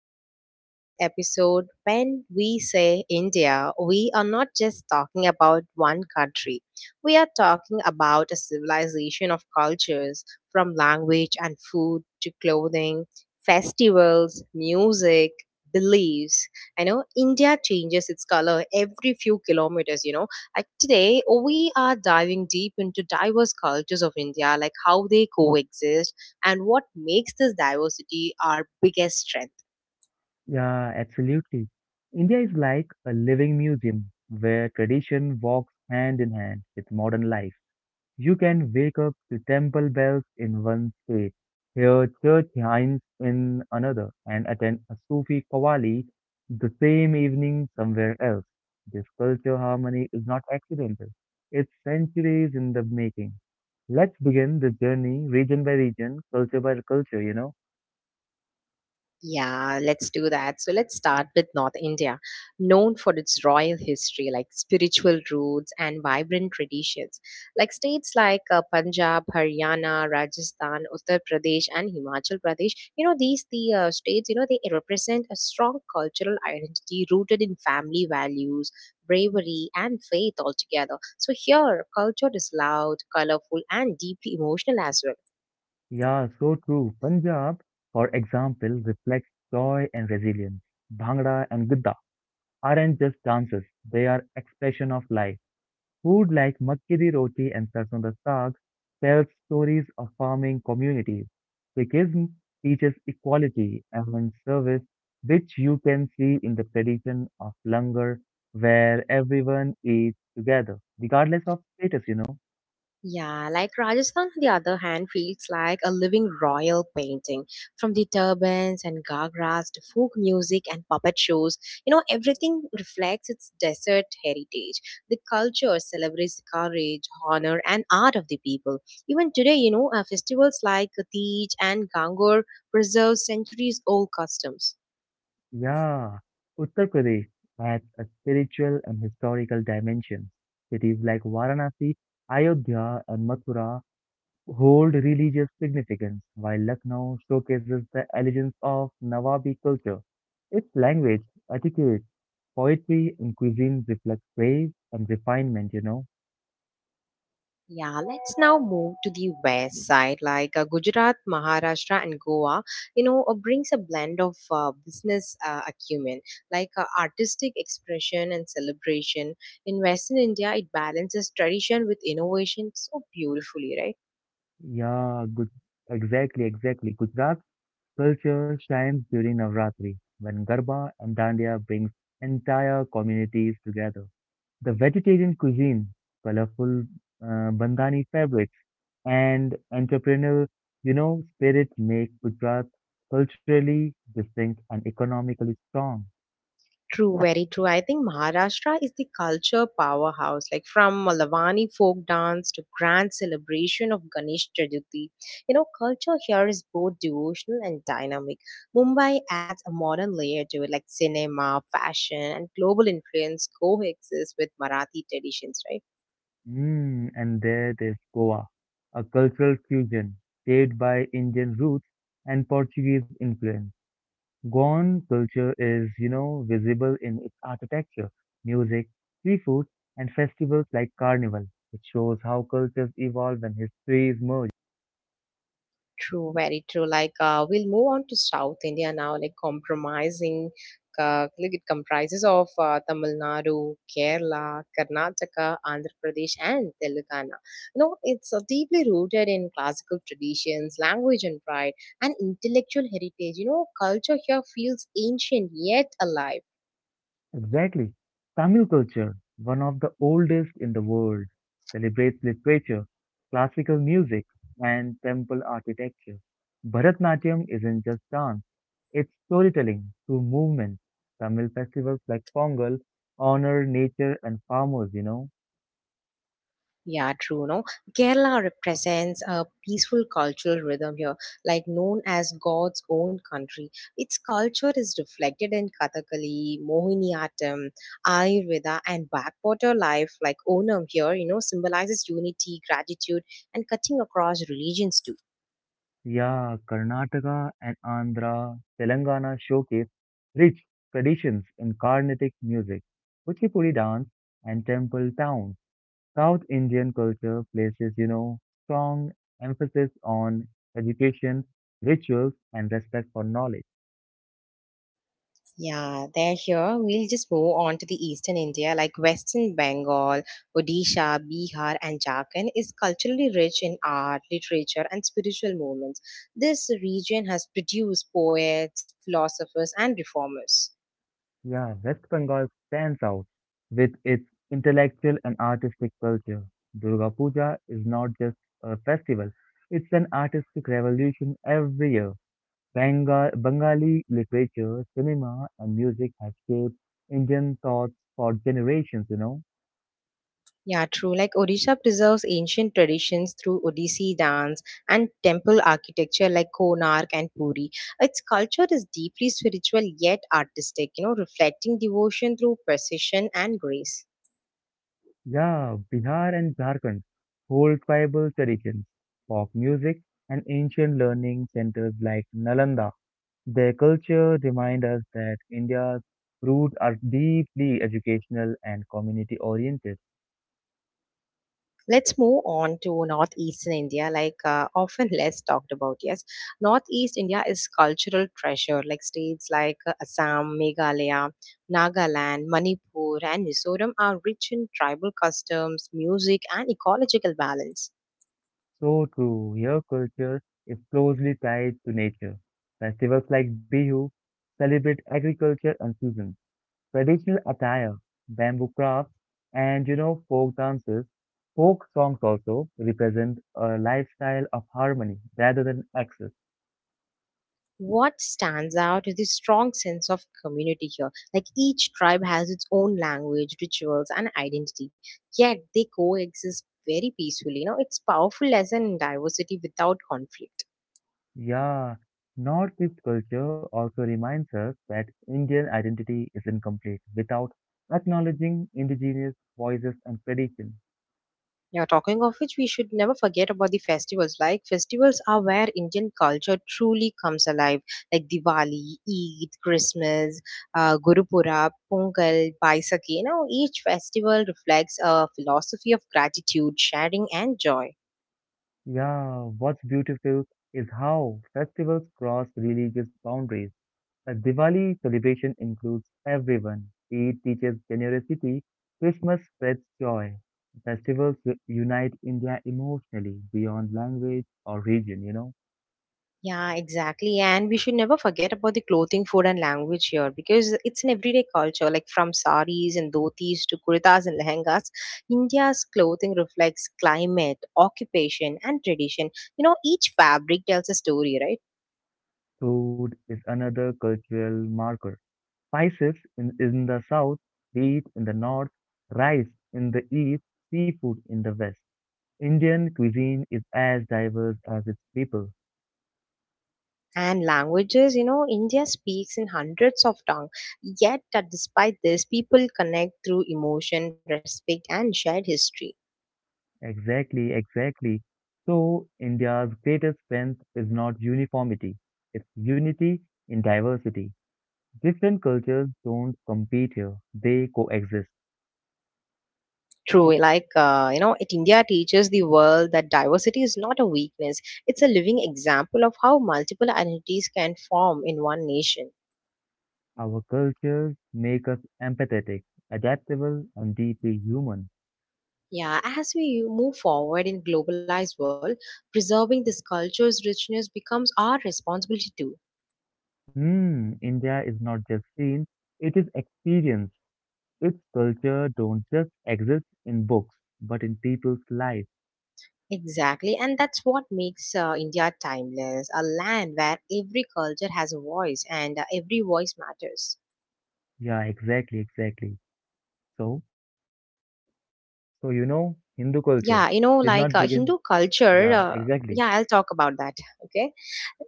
Welcome to today's episode. When we say India, we are not just talking about one country, we are talking about a civilization of cultures from language and food to clothing, festivals, music. Beliefs. I know India changes its color every few kilometers, you know. Like today, we are diving deep into diverse cultures of India, like how they coexist and what makes this diversity our biggest strength. Yeah, absolutely. India is like a living museum where tradition walks hand in hand with modern life. You can wake up to temple bells in one state, hear church hymns in another, and attend a Sufi qawwali the same evening somewhere else. This culture harmony is not accidental. It's centuries in the making. Let's begin this journey region by region, culture by culture, you know. Yeah, let's do that. So let's start with North India, known for its royal history, like spiritual roots and vibrant traditions. Like states like Punjab, Haryana, Rajasthan, Uttar Pradesh, and Himachal Pradesh, you know, the states, you know, they represent a strong cultural identity rooted in family values, bravery, and faith altogether. So here, culture is loud, colorful, and deeply emotional as well. Yeah, so true. Punjab, for example, reflects joy and resilience. Bhangra and Gidda aren't just dances, they are expression of life. Food like makki di roti and sarson da saag tells stories of farming communities. Sikhism teaches equality and service, which you can see in the tradition of langar, where everyone eats together, regardless of status, you know. Yeah, like Rajasthan, on the other hand, feels like a living royal painting. From the turbans and gagras to folk music and puppet shows, you know, everything reflects its desert heritage. The culture celebrates the courage, honor, and art of the people. Even today, you know, festivals like Tej and Gangor preserve centuries old customs. Yeah, Uttar Pradesh adds a spiritual and historical dimension. Cities like Varanasi, Ayodhya, and Mathura hold religious significance, while Lucknow showcases the elegance of Nawabi culture. Its language, etiquette, poetry, and cuisine reflect praise and refinement, you know. Yeah, let's now move to the west side, like Gujarat, Maharashtra, and Goa. You know, brings a blend of business acumen, like artistic expression and celebration. In Western India, it balances tradition with innovation so beautifully, right? Yeah, good. Exactly, exactly. Gujarat's culture shines during Navratri, when Garba and Dandiya brings entire communities together. The vegetarian cuisine, colorful bandhani fabrics, and entrepreneurial, you know, spirit make Gujarat culturally distinct and economically strong. True, very true. I think Maharashtra is the culture powerhouse, like from Malavani folk dance to grand celebration of Ganesh Chaturthi. You know, culture here is both devotional and dynamic. Mumbai adds a modern layer to it, like cinema, fashion, and global influence coexist with Marathi traditions, right? Mm, and there's Goa, a cultural fusion shaped by Indian roots and Portuguese influence. Goan culture is, you know, visible in its architecture, music, seafood, and festivals like Carnival. It shows how cultures evolve and histories merge. True, very true. Like we'll move on to South India now. Like compromising, like it comprises of Tamil Nadu, Kerala, Karnataka, Andhra Pradesh, and Telangana. You know, it's deeply rooted in classical traditions, language and pride, and intellectual heritage. You know, culture here feels ancient yet alive. Exactly. Tamil culture, one of the oldest in the world, celebrates literature, classical music, and temple architecture. Bharatnatyam isn't just dance, it's storytelling through movement. Tamil festivals like Pongal honor nature and farmers, you know. Yeah, true. No, Kerala represents a peaceful cultural rhythm here, like known as God's own country. Its culture is reflected in Kathakali, Mohiniyattam, Ayurveda, and backwater life, like Onam here, you know, symbolizes unity, gratitude, and cutting across religions too. Yeah, Karnataka and Andhra, Telangana showcase rich traditions in Carnatic music, Kuchipudi dance, and temple towns. South Indian culture places, you know, strong emphasis on education, rituals, and respect for knowledge. Yeah, they're here. We'll just move on to the eastern India, like Western Bengal, Odisha, Bihar, and Jharkhand is culturally rich in art, literature, and spiritual movements. This region has produced poets, philosophers, and reformers. Yeah, West Bengal stands out with its intellectual and artistic culture. Durga Puja is not just a festival, it's an artistic revolution every year. Bengal, Bengali literature, cinema, and music have shaped Indian thoughts for generations, you know. Yeah, true. Like Odisha preserves ancient traditions through Odissi dance and temple architecture like Konark and Puri. Its culture is deeply spiritual yet artistic, you know, reflecting devotion through precision and grace. Yeah, Bihar and Jharkhand hold tribal traditions, folk music, and ancient learning centers like Nalanda. Their culture remind us that India's roots are deeply educational and community oriented. Let's move on to Northeastern India, like often less talked about. Yes, Northeast India is cultural treasure, like states like Assam, Meghalaya, Nagaland, Manipur, and Mizoram are rich in tribal customs, music, and ecological balance. So too, here culture is closely tied to nature. Festivals like Bihu celebrate agriculture and seasons. Traditional attire, bamboo crafts, and you know, folk dances, folk songs also represent a lifestyle of harmony rather than excess. What stands out is the strong sense of community here. Like each tribe has its own language, rituals, and identity, yet they coexist very peacefully. You know, it's powerful lesson in diversity without conflict. Yeah, Northeast culture also reminds us that Indian identity is incomplete without acknowledging indigenous voices and tradition. Yeah, talking of which, we should never forget about the festivals. Like, festivals are where Indian culture truly comes alive, like Diwali, Eid, Christmas, Guru Purab, Pongal, Baisakhi. You know, each festival reflects a philosophy of gratitude, sharing, and joy. Yeah, what's beautiful is how festivals cross religious boundaries. The Diwali celebration includes everyone. Eid teaches generosity, Christmas spreads joy. Festivals unite India emotionally beyond language or region, you know. Yeah, exactly. And we should never forget about the clothing, food, and language here because it's an everyday culture. Like from saris and dhotis to kurtas and lehengas, India's clothing reflects climate, occupation, and tradition. You know, each fabric tells a story, right? Food is another cultural marker. Spices in the south, wheat in the north, rice in the east, seafood in the west. Indian cuisine is as diverse as its people. And languages, you know, India speaks in hundreds of tongues. Yet, despite this, people connect through emotion, respect, and shared history. Exactly, exactly. So, India's greatest strength is not uniformity, it's unity in diversity. Different cultures don't compete here, they coexist. True, like you know, it India teaches the world that diversity is not a weakness; it's a living example of how multiple identities can form in one nation. Our cultures make us empathetic, adaptable, and deeply human. Yeah, as we move forward in globalized world, preserving this culture's richness becomes our responsibility too. Hmm, India is not just seen, it is experienced. Its culture don't just exist in books, but in people's lives. Exactly, and that's what makes India timeless—a land where every culture has a voice and every voice matters. Yeah, exactly, exactly. So, so, Hindu Yeah, culture you know, did like not begin. Yeah, exactly. yeah, I'll talk about that. Okay.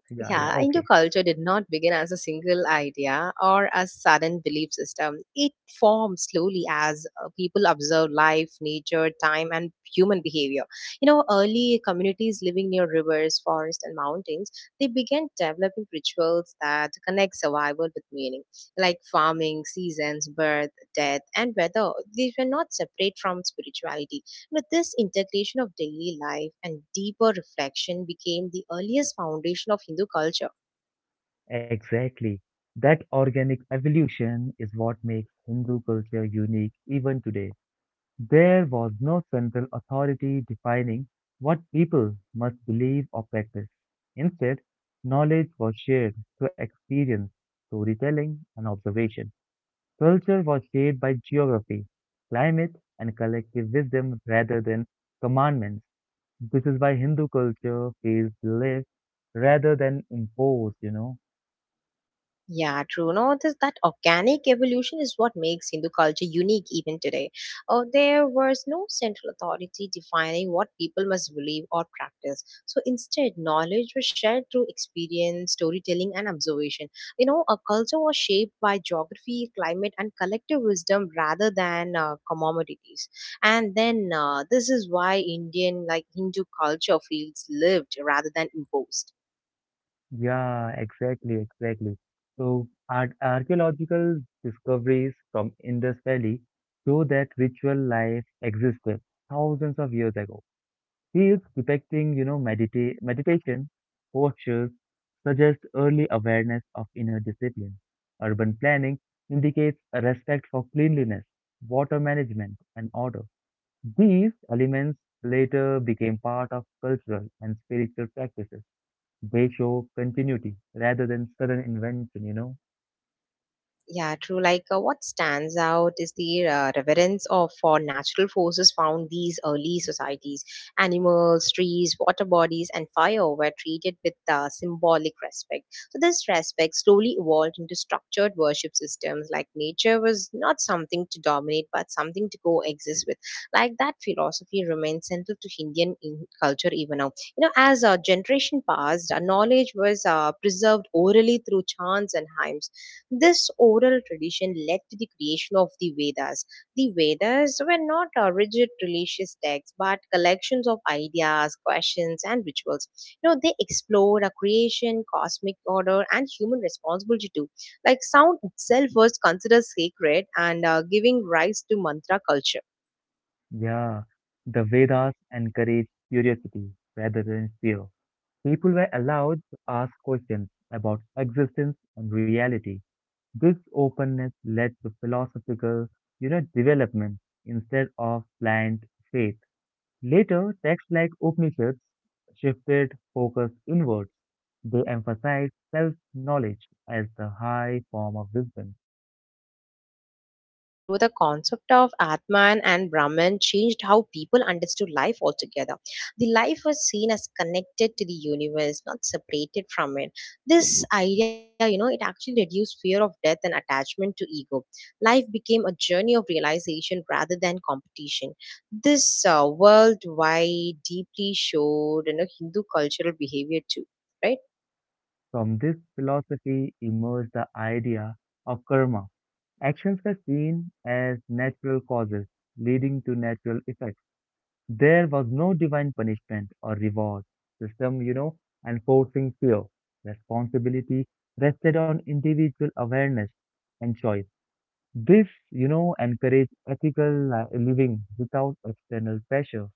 Yeah, yeah, Yeah, Hindu okay. culture did not begin as a single idea or a sudden belief system. It formed slowly as people observed life, nature, time, and human behavior. You know, early communities living near rivers, forests, and mountains, they began developing rituals that connect survival with meaning, like farming, seasons, birth death, and weather, these were not separate from spirituality. But this integration of daily life and deeper reflection became the earliest foundation of Hindu culture. Exactly. That organic evolution is what makes Hindu culture unique even today. There was no central authority defining what people must believe or practice. Instead, knowledge was shared through experience, storytelling, and observation. Culture was shaped by geography, climate, and collective wisdom rather than commandments. This is why Hindu culture feels lived rather than imposed, you know? Yeah, true. No, this that organic evolution is what makes Hindu culture unique even today. Oh, there was no central authority defining what people must believe or practice. So instead, knowledge was shared through experience, storytelling, and observation. You know, a culture was shaped by geography, climate, and collective wisdom rather than commodities. And then this is why Indian, like Hindu culture, feels lived rather than imposed. Yeah, exactly, exactly. So, ar archaeological discoveries from Indus Valley show that ritual life existed thousands of years ago. Fields depicting, you know, meditation postures suggest early awareness of inner discipline. Urban planning indicates a respect for cleanliness, water management, and order. These elements later became part of cultural and spiritual practices. They show continuity rather than sudden invention, you know? Yeah, true. Like, what stands out is the reverence of for natural forces found these early societies. Animals, trees, water bodies, and fire were treated with symbolic respect. So, this respect slowly evolved into structured worship systems. Like, nature was not something to dominate, but something to coexist with. Like, that philosophy remains central to Indian culture even now. You know, as a generation passed, knowledge was preserved orally through chants and hymns this oral tradition led to the creation of the Vedas. The Vedas were not rigid religious texts but collections of ideas, questions, and rituals. You know, they explored a creation, cosmic order, and human responsibility too. Like sound itself was considered sacred and giving rise to mantra culture. Yeah, the Vedas encourage curiosity rather than fear. People were allowed to ask questions about existence and reality. This openness led to philosophical, you know, development instead of blind faith. Later, texts like Upanishads shifted focus inwards. They emphasized self knowledge as the high form of wisdom. True, very true. The concept of Atman and Brahman changed how people understood life altogether. The life was seen as connected to the universe, not separated from it. This idea, you know, it actually reduced fear of death and attachment to ego. Life became a journey of realization rather than competition. This worldwide deeply showed in a Hindu cultural behavior too, right? From this philosophy emerged the idea of karma. Actions were seen as natural causes leading to natural effects. There was no divine punishment or reward system, you know, enforcing fear. Responsibility rested on individual awareness and choice. This, you know, encourage ethical living without external pressure.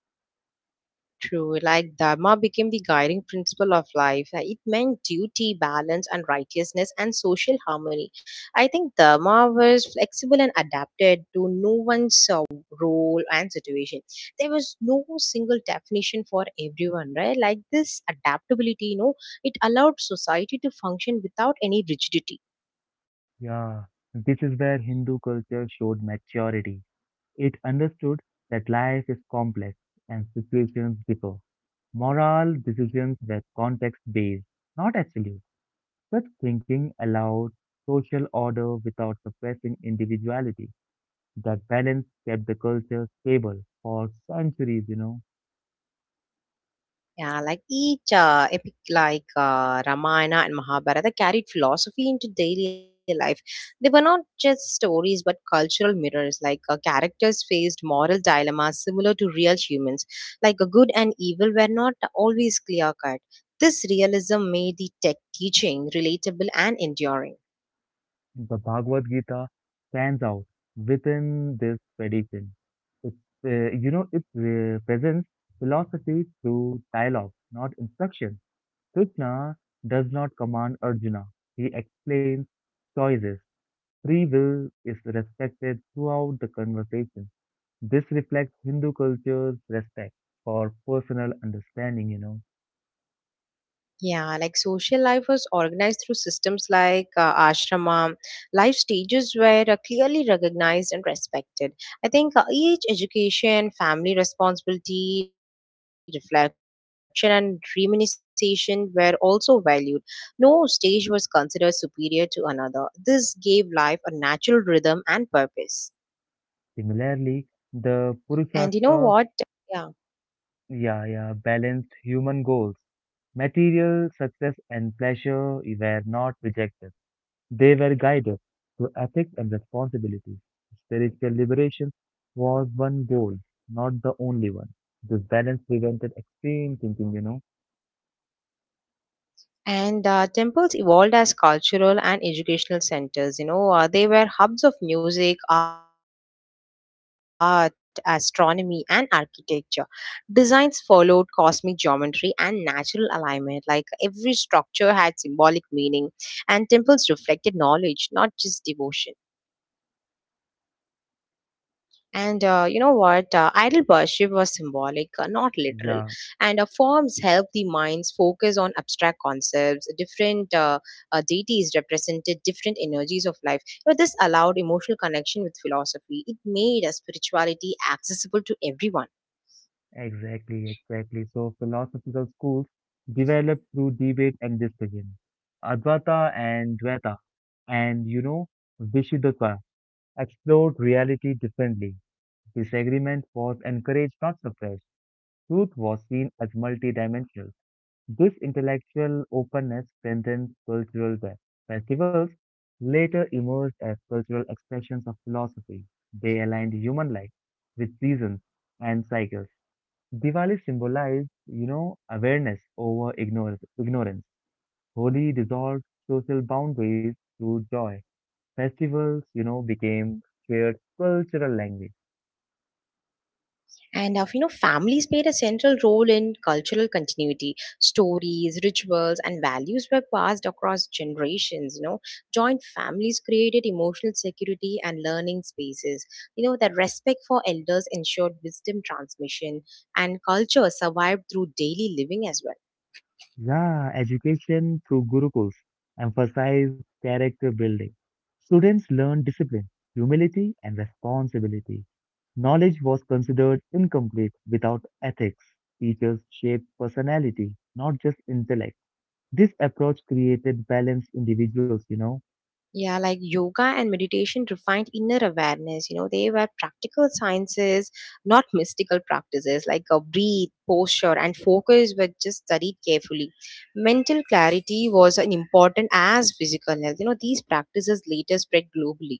True, like Dharma became the guiding principle of life. It meant duty, balance, and righteousness and social harmony. I think Dharma was flexible and adapted to no one's role and situation. There was no single definition for everyone, right? Like this adaptability, you know, it allowed society to function without any rigidity. Yeah, this is where Hindu culture showed maturity. It understood that life is complex and situations differ. Moral decisions were context-based, not absolute. Such thinking allowed social order without suppressing individuality. That balance kept the culture stable for centuries, you know. Yeah, like each epic like Ramayana and Mahabharata carried philosophy into daily life. They were not just stories but cultural mirrors. Like characters faced moral dilemmas similar to real humans. Like good and evil were not always clear cut. This realism made the tech teaching relatable and enduring. The Bhagavad Gita stands out within this tradition. It's, you know, it presents philosophy through dialogue, not instruction. Krishna does not command Arjuna. He explains choices. Free will is respected throughout the conversation. This reflects Hindu culture's respect for personal understanding, you know. Yeah, like social life was organized through systems like ashrama, life stages were clearly recognized and respected. I think each education, family responsibility, reflection, and reminiscence were also valued. No stage was considered superior to another. This gave life a natural rhythm and purpose. Similarly, the And you know Purushastra. what? Yeah. Yeah, yeah, balanced human goals. Material success and pleasure were not rejected. They were guided through ethics and responsibility. Spiritual liberation was one goal, not the only one. This balance prevented extreme thinking, you know. And temples evolved as cultural and educational centers. You know, they were hubs of music, art, astronomy, and architecture. Designs followed cosmic geometry and natural alignment. Like every structure had symbolic meaning, and temples reflected knowledge, not just devotion. And you know what? Idol worship was symbolic, not literal. And Yeah, forms help the minds focus on abstract concepts. Different deities represented different energies of life. You know, this allowed emotional connection with philosophy. It made spirituality accessible to everyone. exactly, exactly. So philosophical schools developed through debate and discussion. Advaita and Dvaita and, you know, Vishuddhata explored reality differently. Disagreement was encouraged, not suppressed. Truth was seen as multidimensional. This intellectual openness strengthened cultural festivals, later emerged as cultural expressions of philosophy. They aligned human life with seasons and cycles. Diwali symbolized, you know, awareness over ignorance. Holi dissolved social boundaries through joy. Festivals, you know, became shared cultural language. And you know, families played a central role in cultural continuity. Stories, rituals, and values were passed across generations. You know, joint families created emotional security and learning spaces. You know, that respect for elders ensured wisdom transmission, and culture survived through daily living as well. Yeah, education through Gurukuls emphasize character building. Students learn discipline, humility, and responsibility. Knowledge was considered incomplete without ethics. Teachers shaped personality, not just intellect. This approach created balanced individuals, you know? Yeah, like yoga and meditation refined inner awareness. You know, they were practical sciences, not mystical practices like a breathe, posture, and focus were just studied carefully. Mental clarity was an important as physical health. You know, these practices later spread globally.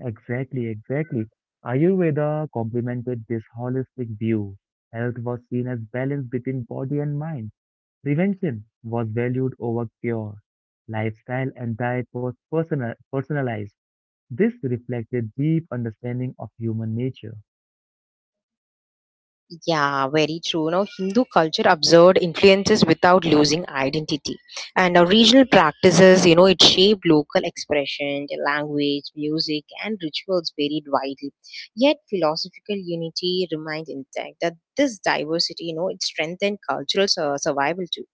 Exactly, exactly. Ayurveda complemented this holistic view. Health was seen as balance between body and mind. Prevention was valued over cure. Lifestyle and diet was personalized. This reflected deep understanding of human nature. Yeah, very true. Now, Hindu culture observed influences without losing identity. And our regional practices, you know, it shaped local expression, the language, music, and rituals varied widely. Yet, philosophical unity remained intact. That this diversity, you know, it strengthened cultural survival too.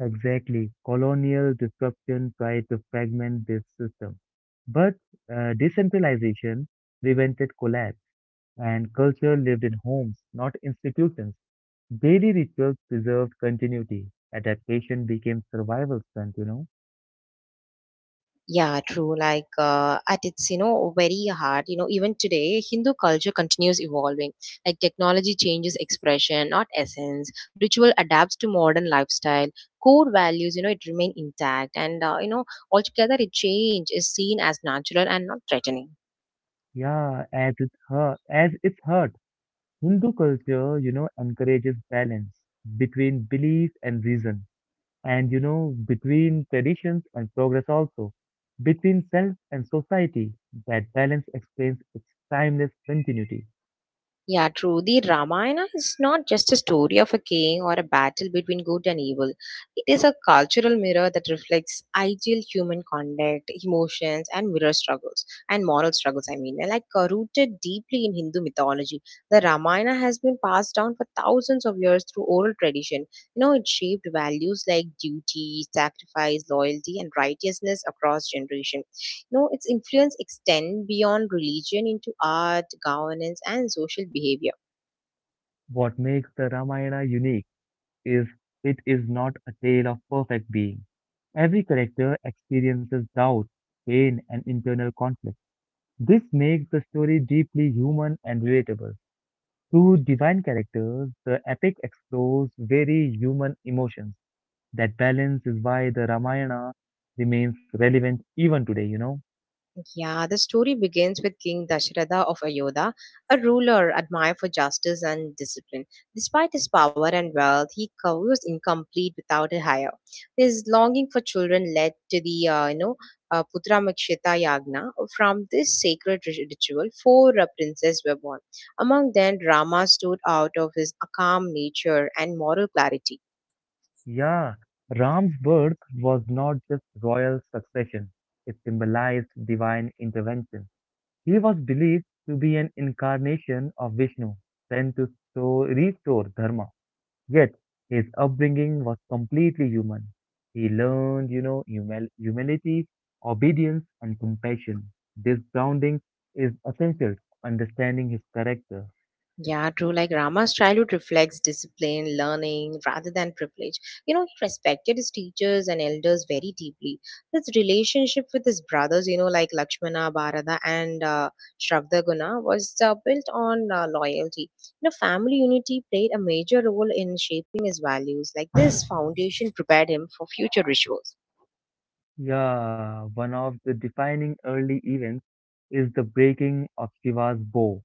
Exactly, colonial disruption tried to fragment this system, but decentralization prevented collapse, and culture lived in homes, not institutions. Daily rituals preserved continuity. Adaptation became survival strength, you know. Yeah, true. Like, at its, you know, very hard, you know, even today, Hindu culture continues evolving. Like, technology changes expression, not essence. Ritual adapts to modern lifestyle. Core values, you know, it remain intact. And, you know, altogether, it change is seen as natural and not threatening. Yeah, as it's hurt. Hindu culture, you know, encourages balance between belief and reason, and you know, between traditions and progress also, between self and society. That balance explains its timeless continuity. Yeah, true. The Ramayana is not just a story of a king or a battle between good and evil. It is a cultural mirror that reflects ideal human conduct, emotions, and moral struggles, I mean. Like rooted deeply in Hindu mythology, the Ramayana has been passed down for thousands of years through oral tradition. You know, it shaped values like duty, sacrifice, loyalty, and righteousness across generations. No, its influence extend beyond religion into art, governance, and social behavior. What makes the Ramayana unique is it is not a tale of perfect being. Every character experiences doubt, pain, and internal conflict. This makes the story deeply human and relatable. Through divine characters, the epic explores very human emotions. That balance is why the Ramayana remains relevant even today, you know. Yeah, the story begins with King Dasharatha of Ayodhya, a ruler admired for justice and discipline. Despite his power and wealth, was incomplete without a hire. His longing for children led to the Putramikshita Yagna. From this sacred ritual, four princes were born. Among them, Rama stood out of his calm nature and moral clarity. Yeah, Ram's birth was not just royal succession, it symbolized divine intervention. He was believed to be an incarnation of Vishnu, sent to so restore Dharma. Yet his upbringing was completely human. He learned, you know, humility, obedience, and compassion. This grounding is essential to understanding his character. Yeah, true. Like Rama's childhood reflects discipline, learning rather than privilege. You know, he respected his teachers and elders very deeply. His relationship with his brothers, you know, like Lakshmana, Bharata, and Shragdaguna, was built on loyalty. You know, family unity played a major role in shaping his values. Like this foundation prepared him for future rituals. Yeah, one of the defining early events is the breaking of Shiva's bow.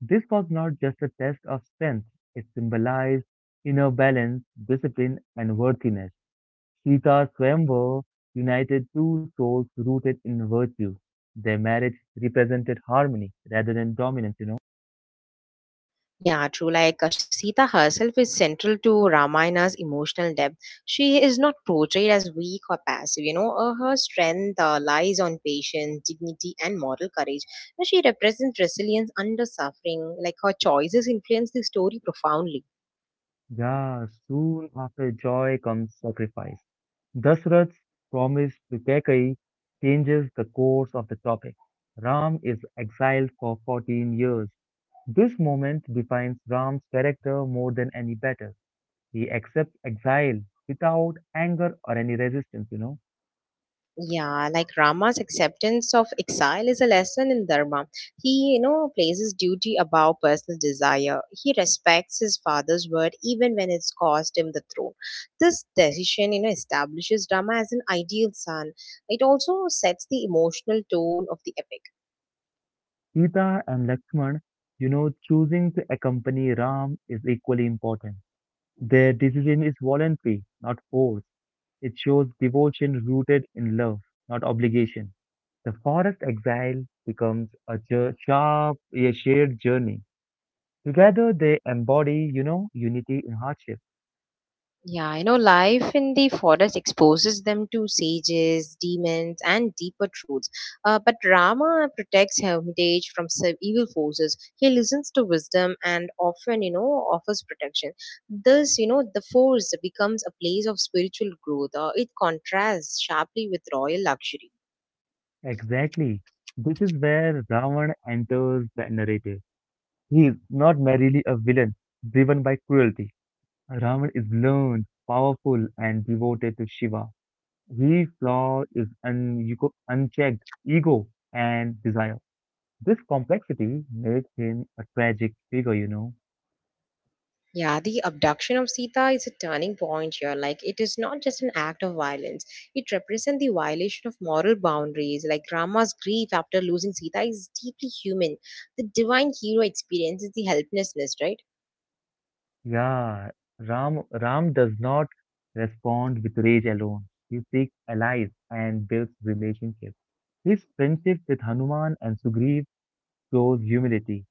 This was not just a test of strength, it symbolized inner balance, discipline, and worthiness. Sita Swayamvara united two souls rooted in virtue. Their marriage represented harmony rather than dominance, you know. Yeah, true. Like Sita herself is central to Ramayana's emotional depth. She is not portrayed as weak or passive. You know, her strength lies on patience, dignity, and moral courage. Now, she represents resilience under suffering. Like her choices influence the story profoundly. Yeah, soon after joy comes sacrifice. Dasarath's promise to Kekai changes the course of the topic. Ram is exiled for 14 years. This moment defines Ram's character more than any battle. He accepts exile without anger or any resistance, you know. Yeah, like Rama's acceptance of exile is a lesson in dharma. He, you know, places duty above personal desire. He respects his father's word even when it's cost him the throne. This decision, you know, establishes Rama as an ideal son. It also sets the emotional tone of the epic. Sita and Lakshman, you know, choosing to accompany Ram is equally important. Their decision is voluntary, not forced. It shows devotion rooted in love, not obligation. The forest exile becomes a a shared journey. Together they embody, you know, unity in hardship. Yeah, you know, life in the forest exposes them to sages, demons, and deeper truths. But Rama protects Hermitage from evil forces. He listens to wisdom and often, you know, offers protection. Thus, you know, the forest becomes a place of spiritual growth. It contrasts sharply with royal luxury. Exactly. This is where Ravan enters the narrative. He is not merely a villain driven by cruelty. Rama is learned, powerful, and devoted to Shiva. His flaw is unchecked ego and desire. This complexity makes him a tragic figure, you know. Yeah, the abduction of Sita is a turning point here. Like, it is not just an act of violence, it represents the violation of moral boundaries. Like, Rama's grief after losing Sita is deeply human. The divine hero experiences the helplessness, right? Yeah, Ram does not respond with rage alone. He seeks allies and builds relationships. His friendship with Hanuman and Sugriv shows humility.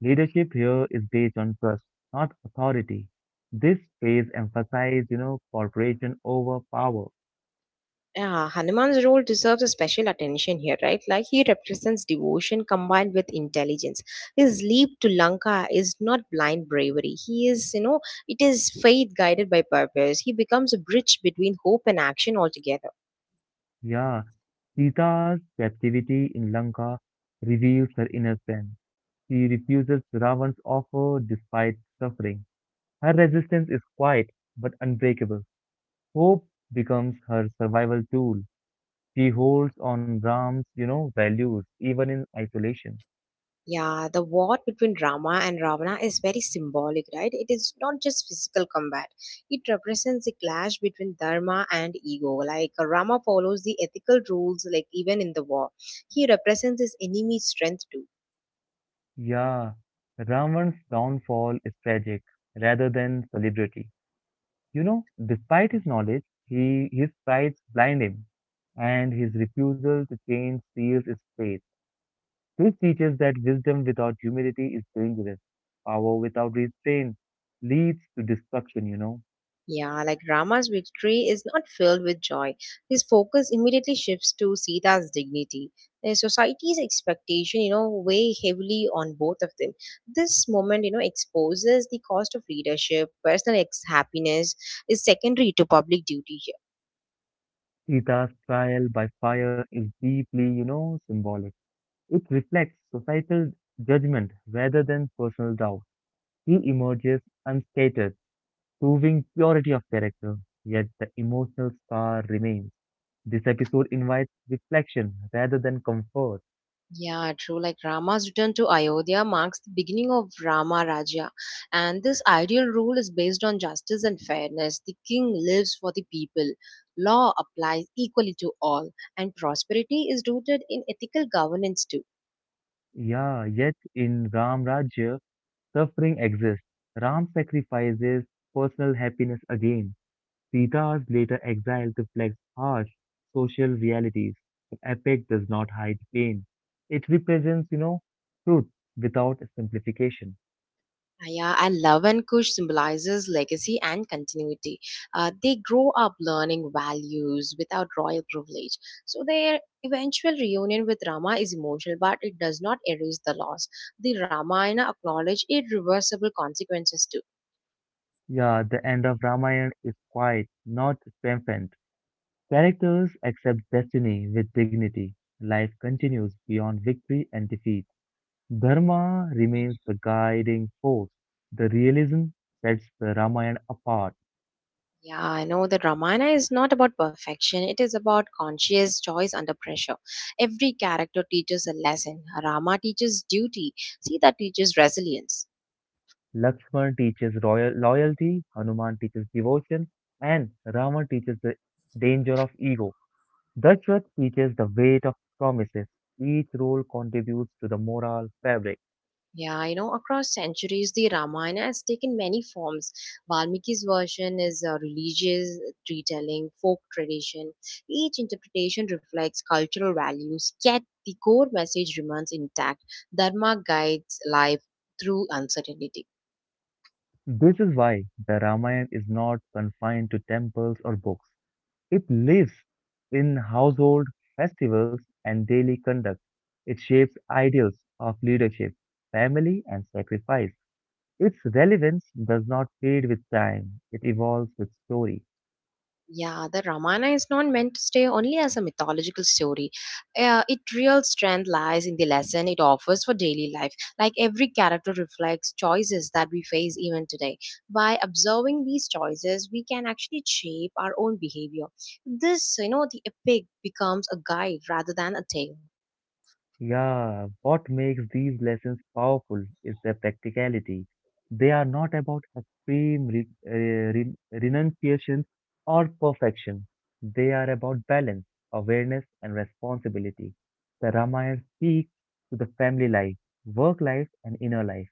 Leadership here is based on trust, not authority. This phase emphasizes, you know, cooperation over power. Yeah, Hanuman's role deserves a special attention here, right? Like, he represents devotion combined with intelligence. His leap to Lanka is not blind bravery. He is, you know, It is faith guided by purpose. He becomes a bridge between hope and action altogether. Yeah, Sita's captivity in Lanka reveals her inner strength. She refuses Ravan's offer despite suffering. Her resistance is quiet but unbreakable. Hope becomes her survival tool. She holds on Ram's, you know, values even in isolation. Yeah, the war between Rama and Ravana is very symbolic, right? It is not just physical combat. It represents a clash between dharma and ego. Like Rama follows the ethical rules, like even in the war. He represents his enemy's strength too. Yeah, Ravan's downfall is tragic rather than celebrity. You know, despite his knowledge, he his prides blind him, and his refusal to change seals his fate. This teaches that wisdom without humility is dangerous. Power without restraint leads to destruction, you know. Yeah, like Rama's victory is not filled with joy. His focus immediately shifts to Sita's dignity. The society's expectation, you know, weigh heavily on both of them. This moment, you know, exposes the cost of leadership, happiness is secondary to public duty here. Sita's trial by fire is deeply, you know, symbolic. It reflects societal judgment rather than personal doubt. He emerges unscathed, proving purity of character, yet the emotional scar remains. This episode invites reflection rather than comfort. Yeah, true. Like Rama's return to Ayodhya marks the beginning of Rama Rajya, and this ideal rule is based on justice and fairness. The king lives for the people, law applies equally to all, and prosperity is rooted in ethical governance too. Yeah, yet in Ram Rajya, suffering exists. Ram sacrifices personal happiness again. Sita's later exile reflects harsh social realities. The epic does not hide pain. It represents, truth without simplification. Yeah, and love and Kush symbolizes legacy and continuity. They grow up learning values without royal privilege. So their eventual reunion with Rama is emotional, but it does not erase the loss. The Ramayana acknowledge irreversible consequences too. Yeah, the end of Ramayana is quiet, not triumphant. Characters accept destiny with dignity. Life continues beyond victory and defeat. Dharma remains the guiding force. The realism sets the Ramayana apart. Yeah, I know that Ramayana is not about perfection. It is about conscious choice under pressure. Every character teaches a lesson. Rama teaches duty. Sita teaches resilience. Lakshman teaches royal loyalty, Hanuman teaches devotion, and Rama teaches the danger of ego. Dashrath teaches the weight of promises. Each role contributes to the moral fabric. Yeah, you know, across centuries, the Ramayana has taken many forms. Valmiki's version is a religious retelling, folk tradition. Each interpretation reflects cultural values, yet the core message remains intact. Dharma guides life through uncertainty. This is why the Ramayana is not confined to temples or books. It lives in household festivals and daily conduct. It shapes ideals of leadership, family, and sacrifice. Its relevance does not fade with time, it evolves with story. Yeah, the Ramana is not meant to stay only as a mythological story. Its real strength lies in the lesson it offers for daily life. Like every character reflects choices that we face even today. By observing these choices, we can actually shape our own behavior. This, you know, the epic becomes a guide rather than a tale. Yeah, what makes these lessons powerful is their practicality. They are not about extreme re re renunciation or perfection. They are about balance, awareness, and responsibility. The Ramayana speaks to the family life, work life, and inner life.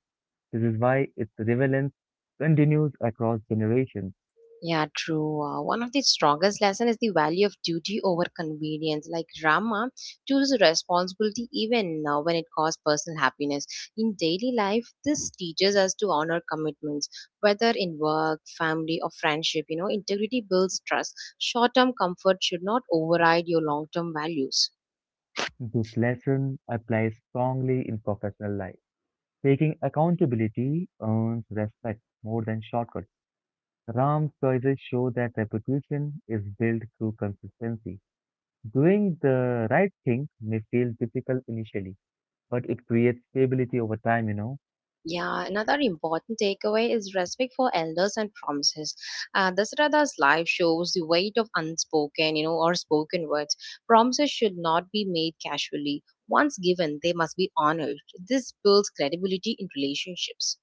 This is why its relevance continues across generations. Yeah, true. One of the strongest lessons is the value of duty over convenience. Like Rama chooses responsibility even when it costs personal happiness. In daily life, this teaches us to honor commitments, whether in work, family, or friendship. You know, integrity builds trust. Short term comfort should not override your long term values. This lesson applies strongly in professional life. Taking accountability earns respect more than shortcuts. Ram's choices show that reputation is built through consistency. Doing the right thing may feel difficult initially, but it creates stability over time. Yeah, another important takeaway is respect for elders and promises. Dasarada's life shows the weight of unspoken, you know, or spoken words. Promises should not be made casually. Once given, they must be honored. This builds credibility in relationships.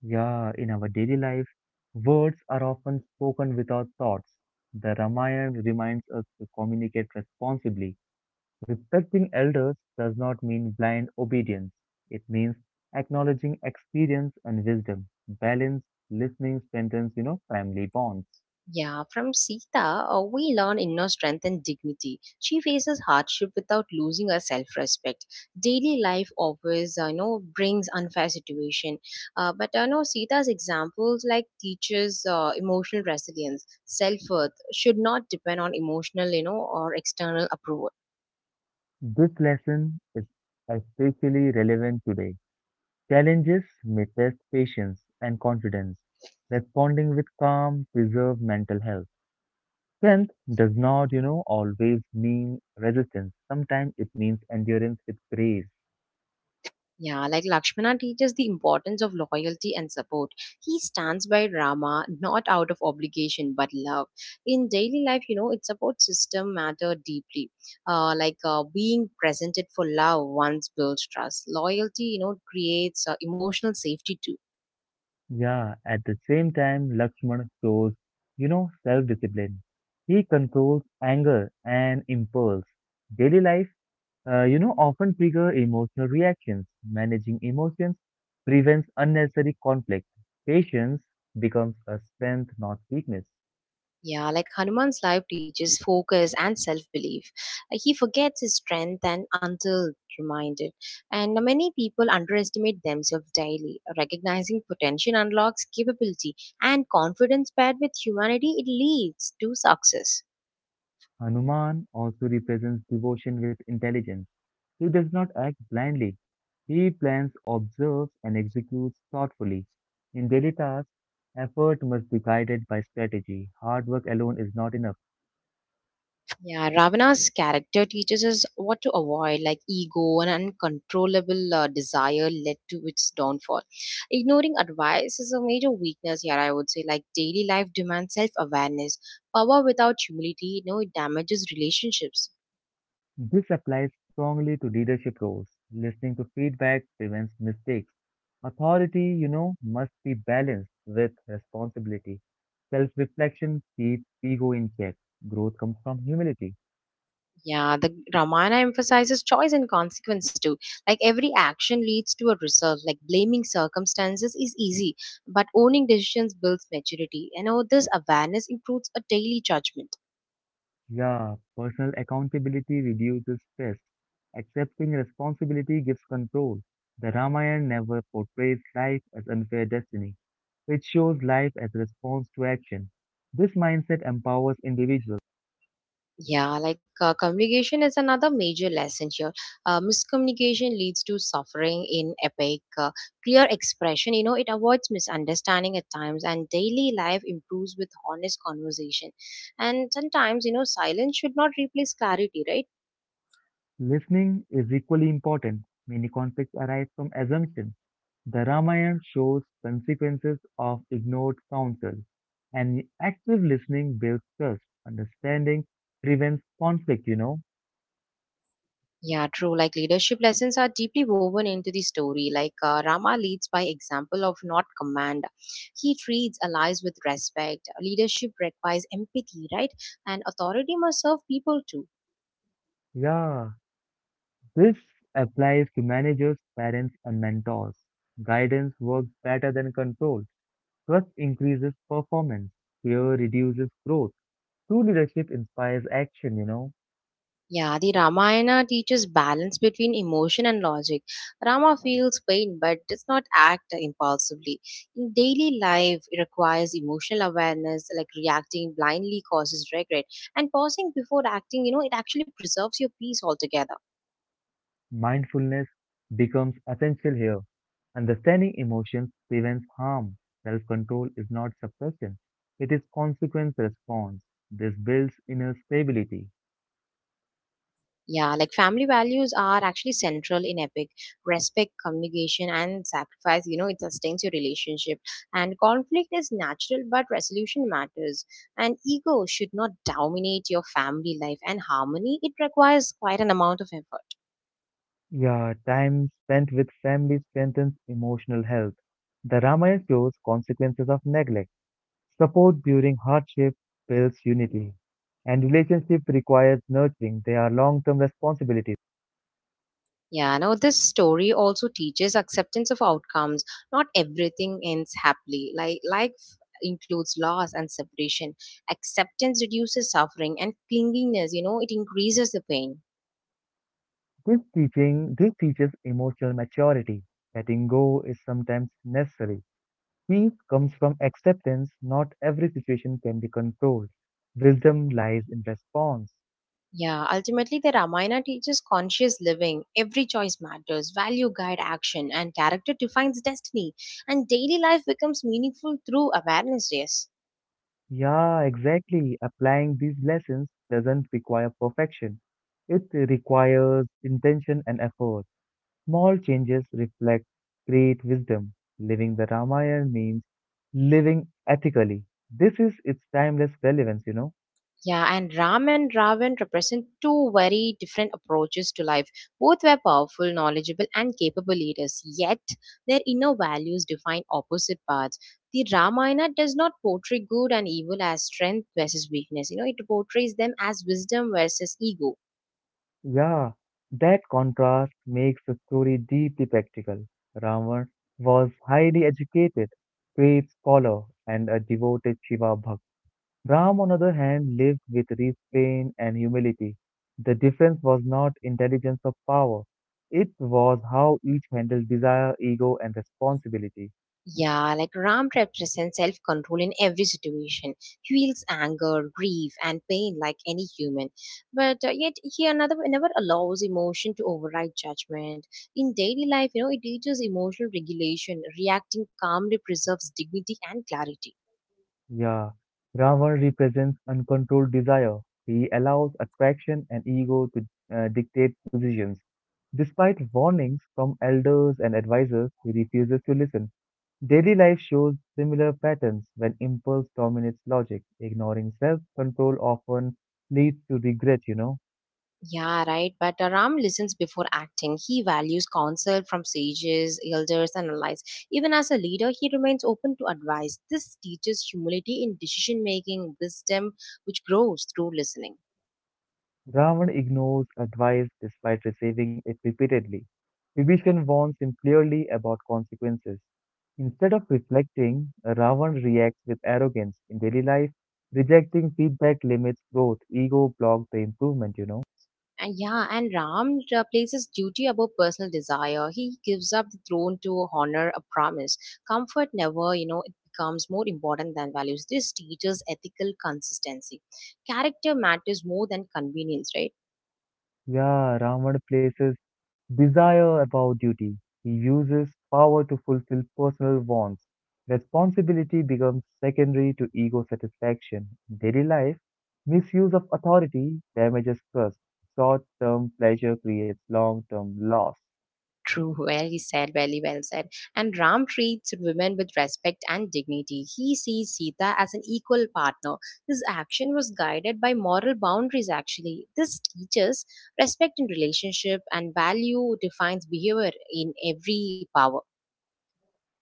Yeah, in our daily life, words are often spoken without thoughts. The Ramayana reminds us to communicate responsibly. Respecting elders does not mean blind obedience. It means acknowledging experience and wisdom. Balance, listening strengthens, family bonds. Yeah, from Sita, we learn inner strength and dignity. She faces hardship without losing her self-respect. Daily life always, brings unfair situation. But I know Sita's examples like teaches emotional resilience, self-worth should not depend on emotional, you know, or external approval. This lesson is especially relevant today. Challenges may test patience and confidence. Responding with calm preserve mental health. Strength does not, always mean resistance. Sometimes it means endurance with grace. Yeah, like Lakshmana teaches the importance of loyalty and support. He stands by Rama not out of obligation but love. In daily life, you know, its support system matter deeply. Like being presented for love once builds trust. Loyalty, you know, creates emotional safety too. Yeah, at the same time, Lakshman shows, self-discipline. He controls anger and impulse. Daily life often trigger emotional reactions. Managing emotions prevents unnecessary conflict. Patience becomes a strength, not weakness. Yeah, like Hanuman's life teaches focus and self belief. He forgets his strength and until reminded. And many people underestimate themselves daily. Recognizing potential unlocks capability and confidence paired with humanity, it leads to success. Hanuman also represents devotion with intelligence. He does not act blindly. He plans, observes, and executes thoughtfully. In daily tasks, effort must be guided by strategy. Hard work alone is not enough. Yeah, Ravana's character teaches us what to avoid, like ego and uncontrollable desire led to its downfall. Ignoring advice is a major weakness here, I would say. Like daily life demands self awareness. Power without humility, you know, it damages relationships. This applies strongly to leadership roles. Listening to feedback prevents mistakes. Authority, must be balanced with responsibility. Self reflection keeps ego in check. Growth comes from humility. Yeah, the Ramayana emphasizes choice and consequence too. Like every action leads to a result. Like blaming circumstances is easy, but owning decisions builds maturity. You know, this awareness improves a daily judgment. Yeah, personal accountability reduces stress. Accepting responsibility gives control. The Ramayana never portrays life as unfair destiny. It shows life as a response to action. This mindset empowers individuals. Yeah, like communication is another major lesson here. Miscommunication leads to suffering in epic. Clear expression, you know, it avoids misunderstanding at times, and daily life improves with honest conversation. And sometimes, you know, silence should not replace clarity, right? Listening is equally important. Many conflicts arise from assumptions. The Ramayana shows consequences of ignored counsel, and active listening builds trust. Understanding prevents conflict. Yeah, true. Like leadership lessons are deeply woven into the story. Like Rama leads by example of not command. He treats allies with respect. Leadership requires empathy, right? And authority must serve people too. Yeah, this applies to managers, parents, and mentors. Guidance works better than control. Trust increases performance. Fear reduces growth. True leadership inspires action. Yeah, the Ramayana teaches balance between emotion and logic. Rama feels pain but does not act impulsively. In daily life, it requires emotional awareness, like reacting blindly causes regret. And pausing before acting, you know, it actually preserves your peace altogether. Mindfulness becomes essential here. Understanding emotions prevents harm. Self control is not suppression, it is consequence response. This builds inner stability. Yeah, like family values are actually central in Epic. Respect, communication, and sacrifice, you know, it sustains your relationship. And conflict is natural, but resolution matters. And ego should not dominate your family life. And harmony, it requires quite an amount of effort. Yeah, time spent with family strengthens emotional health. The Ramayana shows consequences of neglect. Support during hardship builds unity. And relationship requires nurturing. They are long term responsibilities. Yeah, now this story also teaches acceptance of outcomes. Not everything ends happily. Like life includes loss and separation. Acceptance reduces suffering and clinginess, you know, it increases the pain. This teaches emotional maturity. Letting go is sometimes necessary. Peace comes from acceptance. Not every situation can be controlled. Wisdom lies in response. Yeah, ultimately, the Ramayana teaches conscious living. Every choice matters, value guide action, and character defines destiny. And daily life becomes meaningful through awareness, yes. Yeah, exactly. Applying these lessons doesn't require perfection. It requires intention and effort. Small changes reflect great wisdom. Living the Ramayana means living ethically. This is its timeless relevance. Yeah, and Ram and Ravan represent two very different approaches to life. Both were powerful, knowledgeable, and capable leaders, yet their inner values define opposite paths. The Ramayana does not portray good and evil as strength versus weakness. You know, it portrays them as wisdom versus ego. Yeah, that contrast makes the story deeply practical. Ravan was highly educated, great scholar, and a devoted Shiva Bhakt. Ram, on the other hand, lived with restraint and humility. The difference was not intelligence or power, it was how each handled desire, ego, and responsibility. Yeah, like Ram represents self control in every situation. He feels anger, grief, and pain like any human. But yet, he another never allows emotion to override judgment. In daily life, you know, it teaches emotional regulation. Reacting calmly preserves dignity and clarity. Yeah, Ravan represents uncontrolled desire. He allows attraction and ego to dictate decisions. Despite warnings from elders and advisors, he refuses to listen. Daily life shows similar patterns when impulse dominates logic. Ignoring self control often leads to regret. Yeah, right. But Ram listens before acting. He values counsel from sages, elders, and allies. Even as a leader, he remains open to advice. This teaches humility in decision making, wisdom, which grows through listening. Ravan ignores advice despite receiving it repeatedly. Vibhishan warns him clearly about consequences. Instead of reflecting, Ravan reacts with arrogance in daily life. Rejecting feedback limits growth. Ego blocks the improvement. And yeah, and Ram places duty above personal desire. He gives up the throne to honor a promise. Comfort never, you know, it becomes more important than values. This teaches ethical consistency. Character matters more than convenience, right? Yeah, Ravan places desire above duty. He uses power to fulfill personal wants. Responsibility becomes secondary to ego satisfaction. In daily life, misuse of authority damages trust. Short term pleasure creates long term loss. True, very said, very well said. And Ram treats women with respect and dignity. He sees Sita as an equal partner. His action was guided by moral boundaries, actually. This teaches respect in relationship and value defines behavior in every power.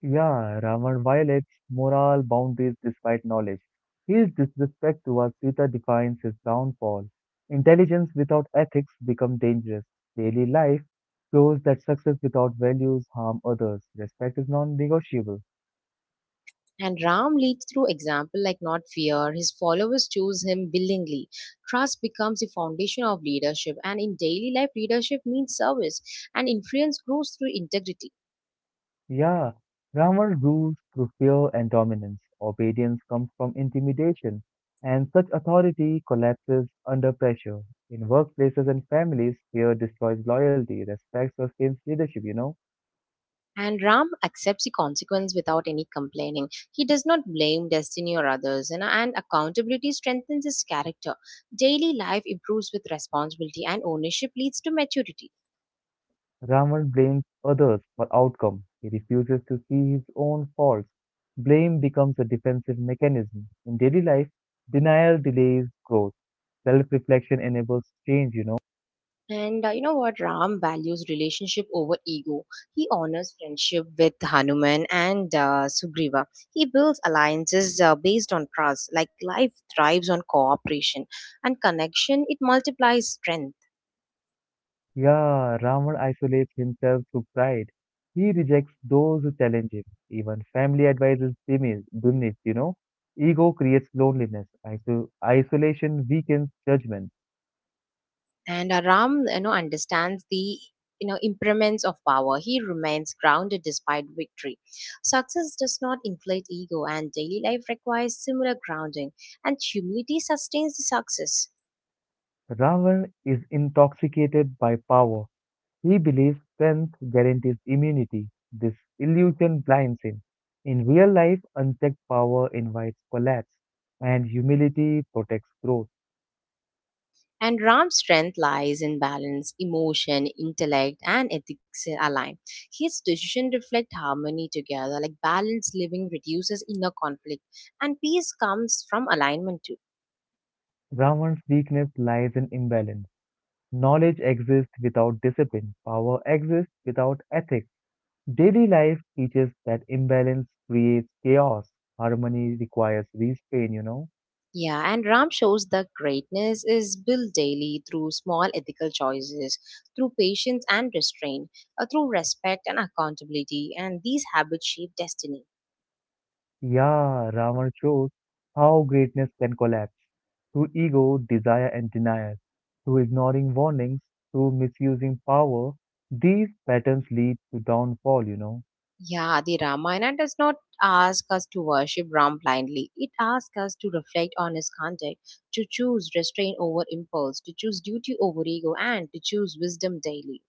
Yeah, Ravan violates moral boundaries despite knowledge. His disrespect towards Sita defines his downfall. Intelligence without ethics becomes dangerous. Daily life shows that success without values harm others. Respect is non-negotiable. And Ram leads through example like not fear. His followers choose him willingly. Trust becomes the foundation of leadership. And in daily life, leadership means service and influence grows through integrity. Yeah, Ravan rules through fear and dominance. Obedience comes from intimidation, and such authority collapses under pressure. In workplaces and families, fear destroys loyalty. Respect sustains leadership, you know? And Ram accepts the consequence without any complaining. He does not blame destiny or others, you and accountability strengthens his character. Daily life improves with responsibility, and ownership leads to maturity. Raman blames others for outcome. He refuses to see his own faults. Blame becomes a defensive mechanism. In daily life, denial delays growth. Self-reflection enables change. And you know what? Ram values relationship over ego. He honors friendship with Hanuman and Sugriva. He builds alliances based on trust. Like life thrives on cooperation and connection, it multiplies strength. Yeah, Raman isolates himself through pride. He rejects those who challenge him. Even family advice is diminished. Ego creates loneliness. Isolation weakens judgment. And Ram, you know, understands the, you know, impermanence of power. He remains grounded despite victory. Success does not inflate ego, and daily life requires similar grounding, and humility sustains the success. Ravan is intoxicated by power. He believes strength guarantees immunity. This illusion blinds him. In real life, unchecked power invites collapse, and humility protects growth. And Ram's strength lies in balance. Emotion, intellect, and ethics align. His decision reflect harmony together, like balanced living reduces inner conflict, and peace comes from alignment too. Ravan's weakness lies in imbalance. Knowledge exists without discipline, power exists without ethics. Daily life teaches that imbalance creates chaos. Harmony requires restraint. Yeah, and Ram shows that greatness is built daily through small ethical choices, through patience and restraint, through respect and accountability, and these habits shape destiny. Yeah, Ravan shows how greatness can collapse through ego, desire, and denial, through ignoring warnings, through misusing power. These patterns lead to downfall. Yeah, the Ramayana does not ask us to worship Ram blindly. It asks us to reflect on his conduct, to choose restraint over impulse, to choose duty over ego, and to choose wisdom daily.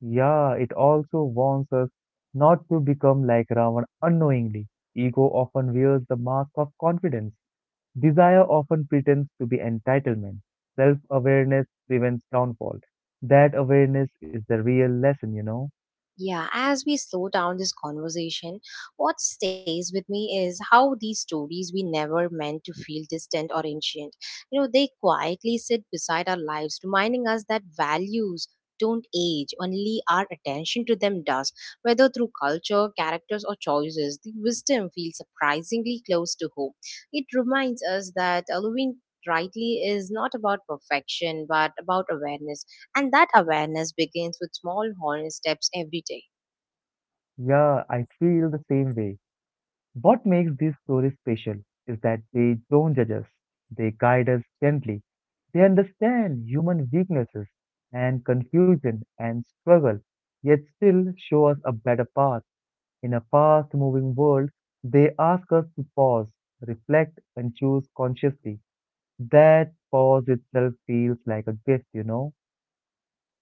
Yeah, it also warns us not to become like Ravan unknowingly. Ego often wears the mask of confidence. Desire often pretends to be entitlement. Self awareness prevents downfall. That awareness is the real lesson, you know. Yeah, as we slow down this conversation, what stays with me is how these stories we never meant to feel distant or ancient. You know, they quietly sit beside our lives, reminding us that values don't age, only our attention to them does. Whether through culture, characters, or choices, the wisdom feels surprisingly close to home. It reminds us that Halloween rightly is not about perfection but about awareness and that awareness begins with small honest steps every day. Yeah, I feel the same way. What makes these stories special is that they don't judge us, they guide us gently. They understand human weaknesses and confusion and struggle, yet still show us a better path. In a fast moving world, they ask us to pause, reflect, and choose consciously. That pause itself feels like a gift, you know?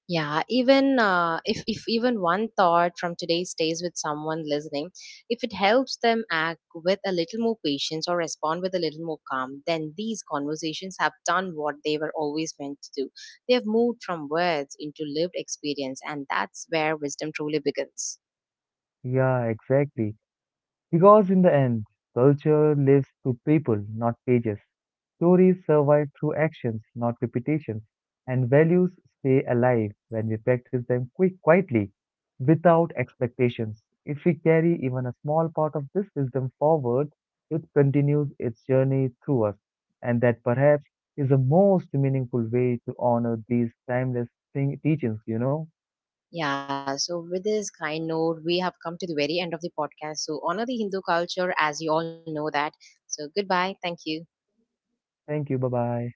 Yeah, even if even one thought from today stays with someone listening, if it helps them act with a little more patience or respond with a little more calm, then these conversations have done what they were always meant to do. They have moved from words into lived experience, and that's where wisdom truly begins. Yeah, exactly. Because in the end, culture lives through people, not pages. Stories survive through actions, not repetitions. And values stay alive when we practice them quietly, without expectations. If we carry even a small part of this wisdom forward, it continues its journey through us. And that perhaps is the most meaningful way to honor these timeless teachings, you know? Yeah, so with this kind note, we have come to the very end of the podcast. So honor the Hindu culture as you all know that. So goodbye. Thank you. Thank you. Bye bye.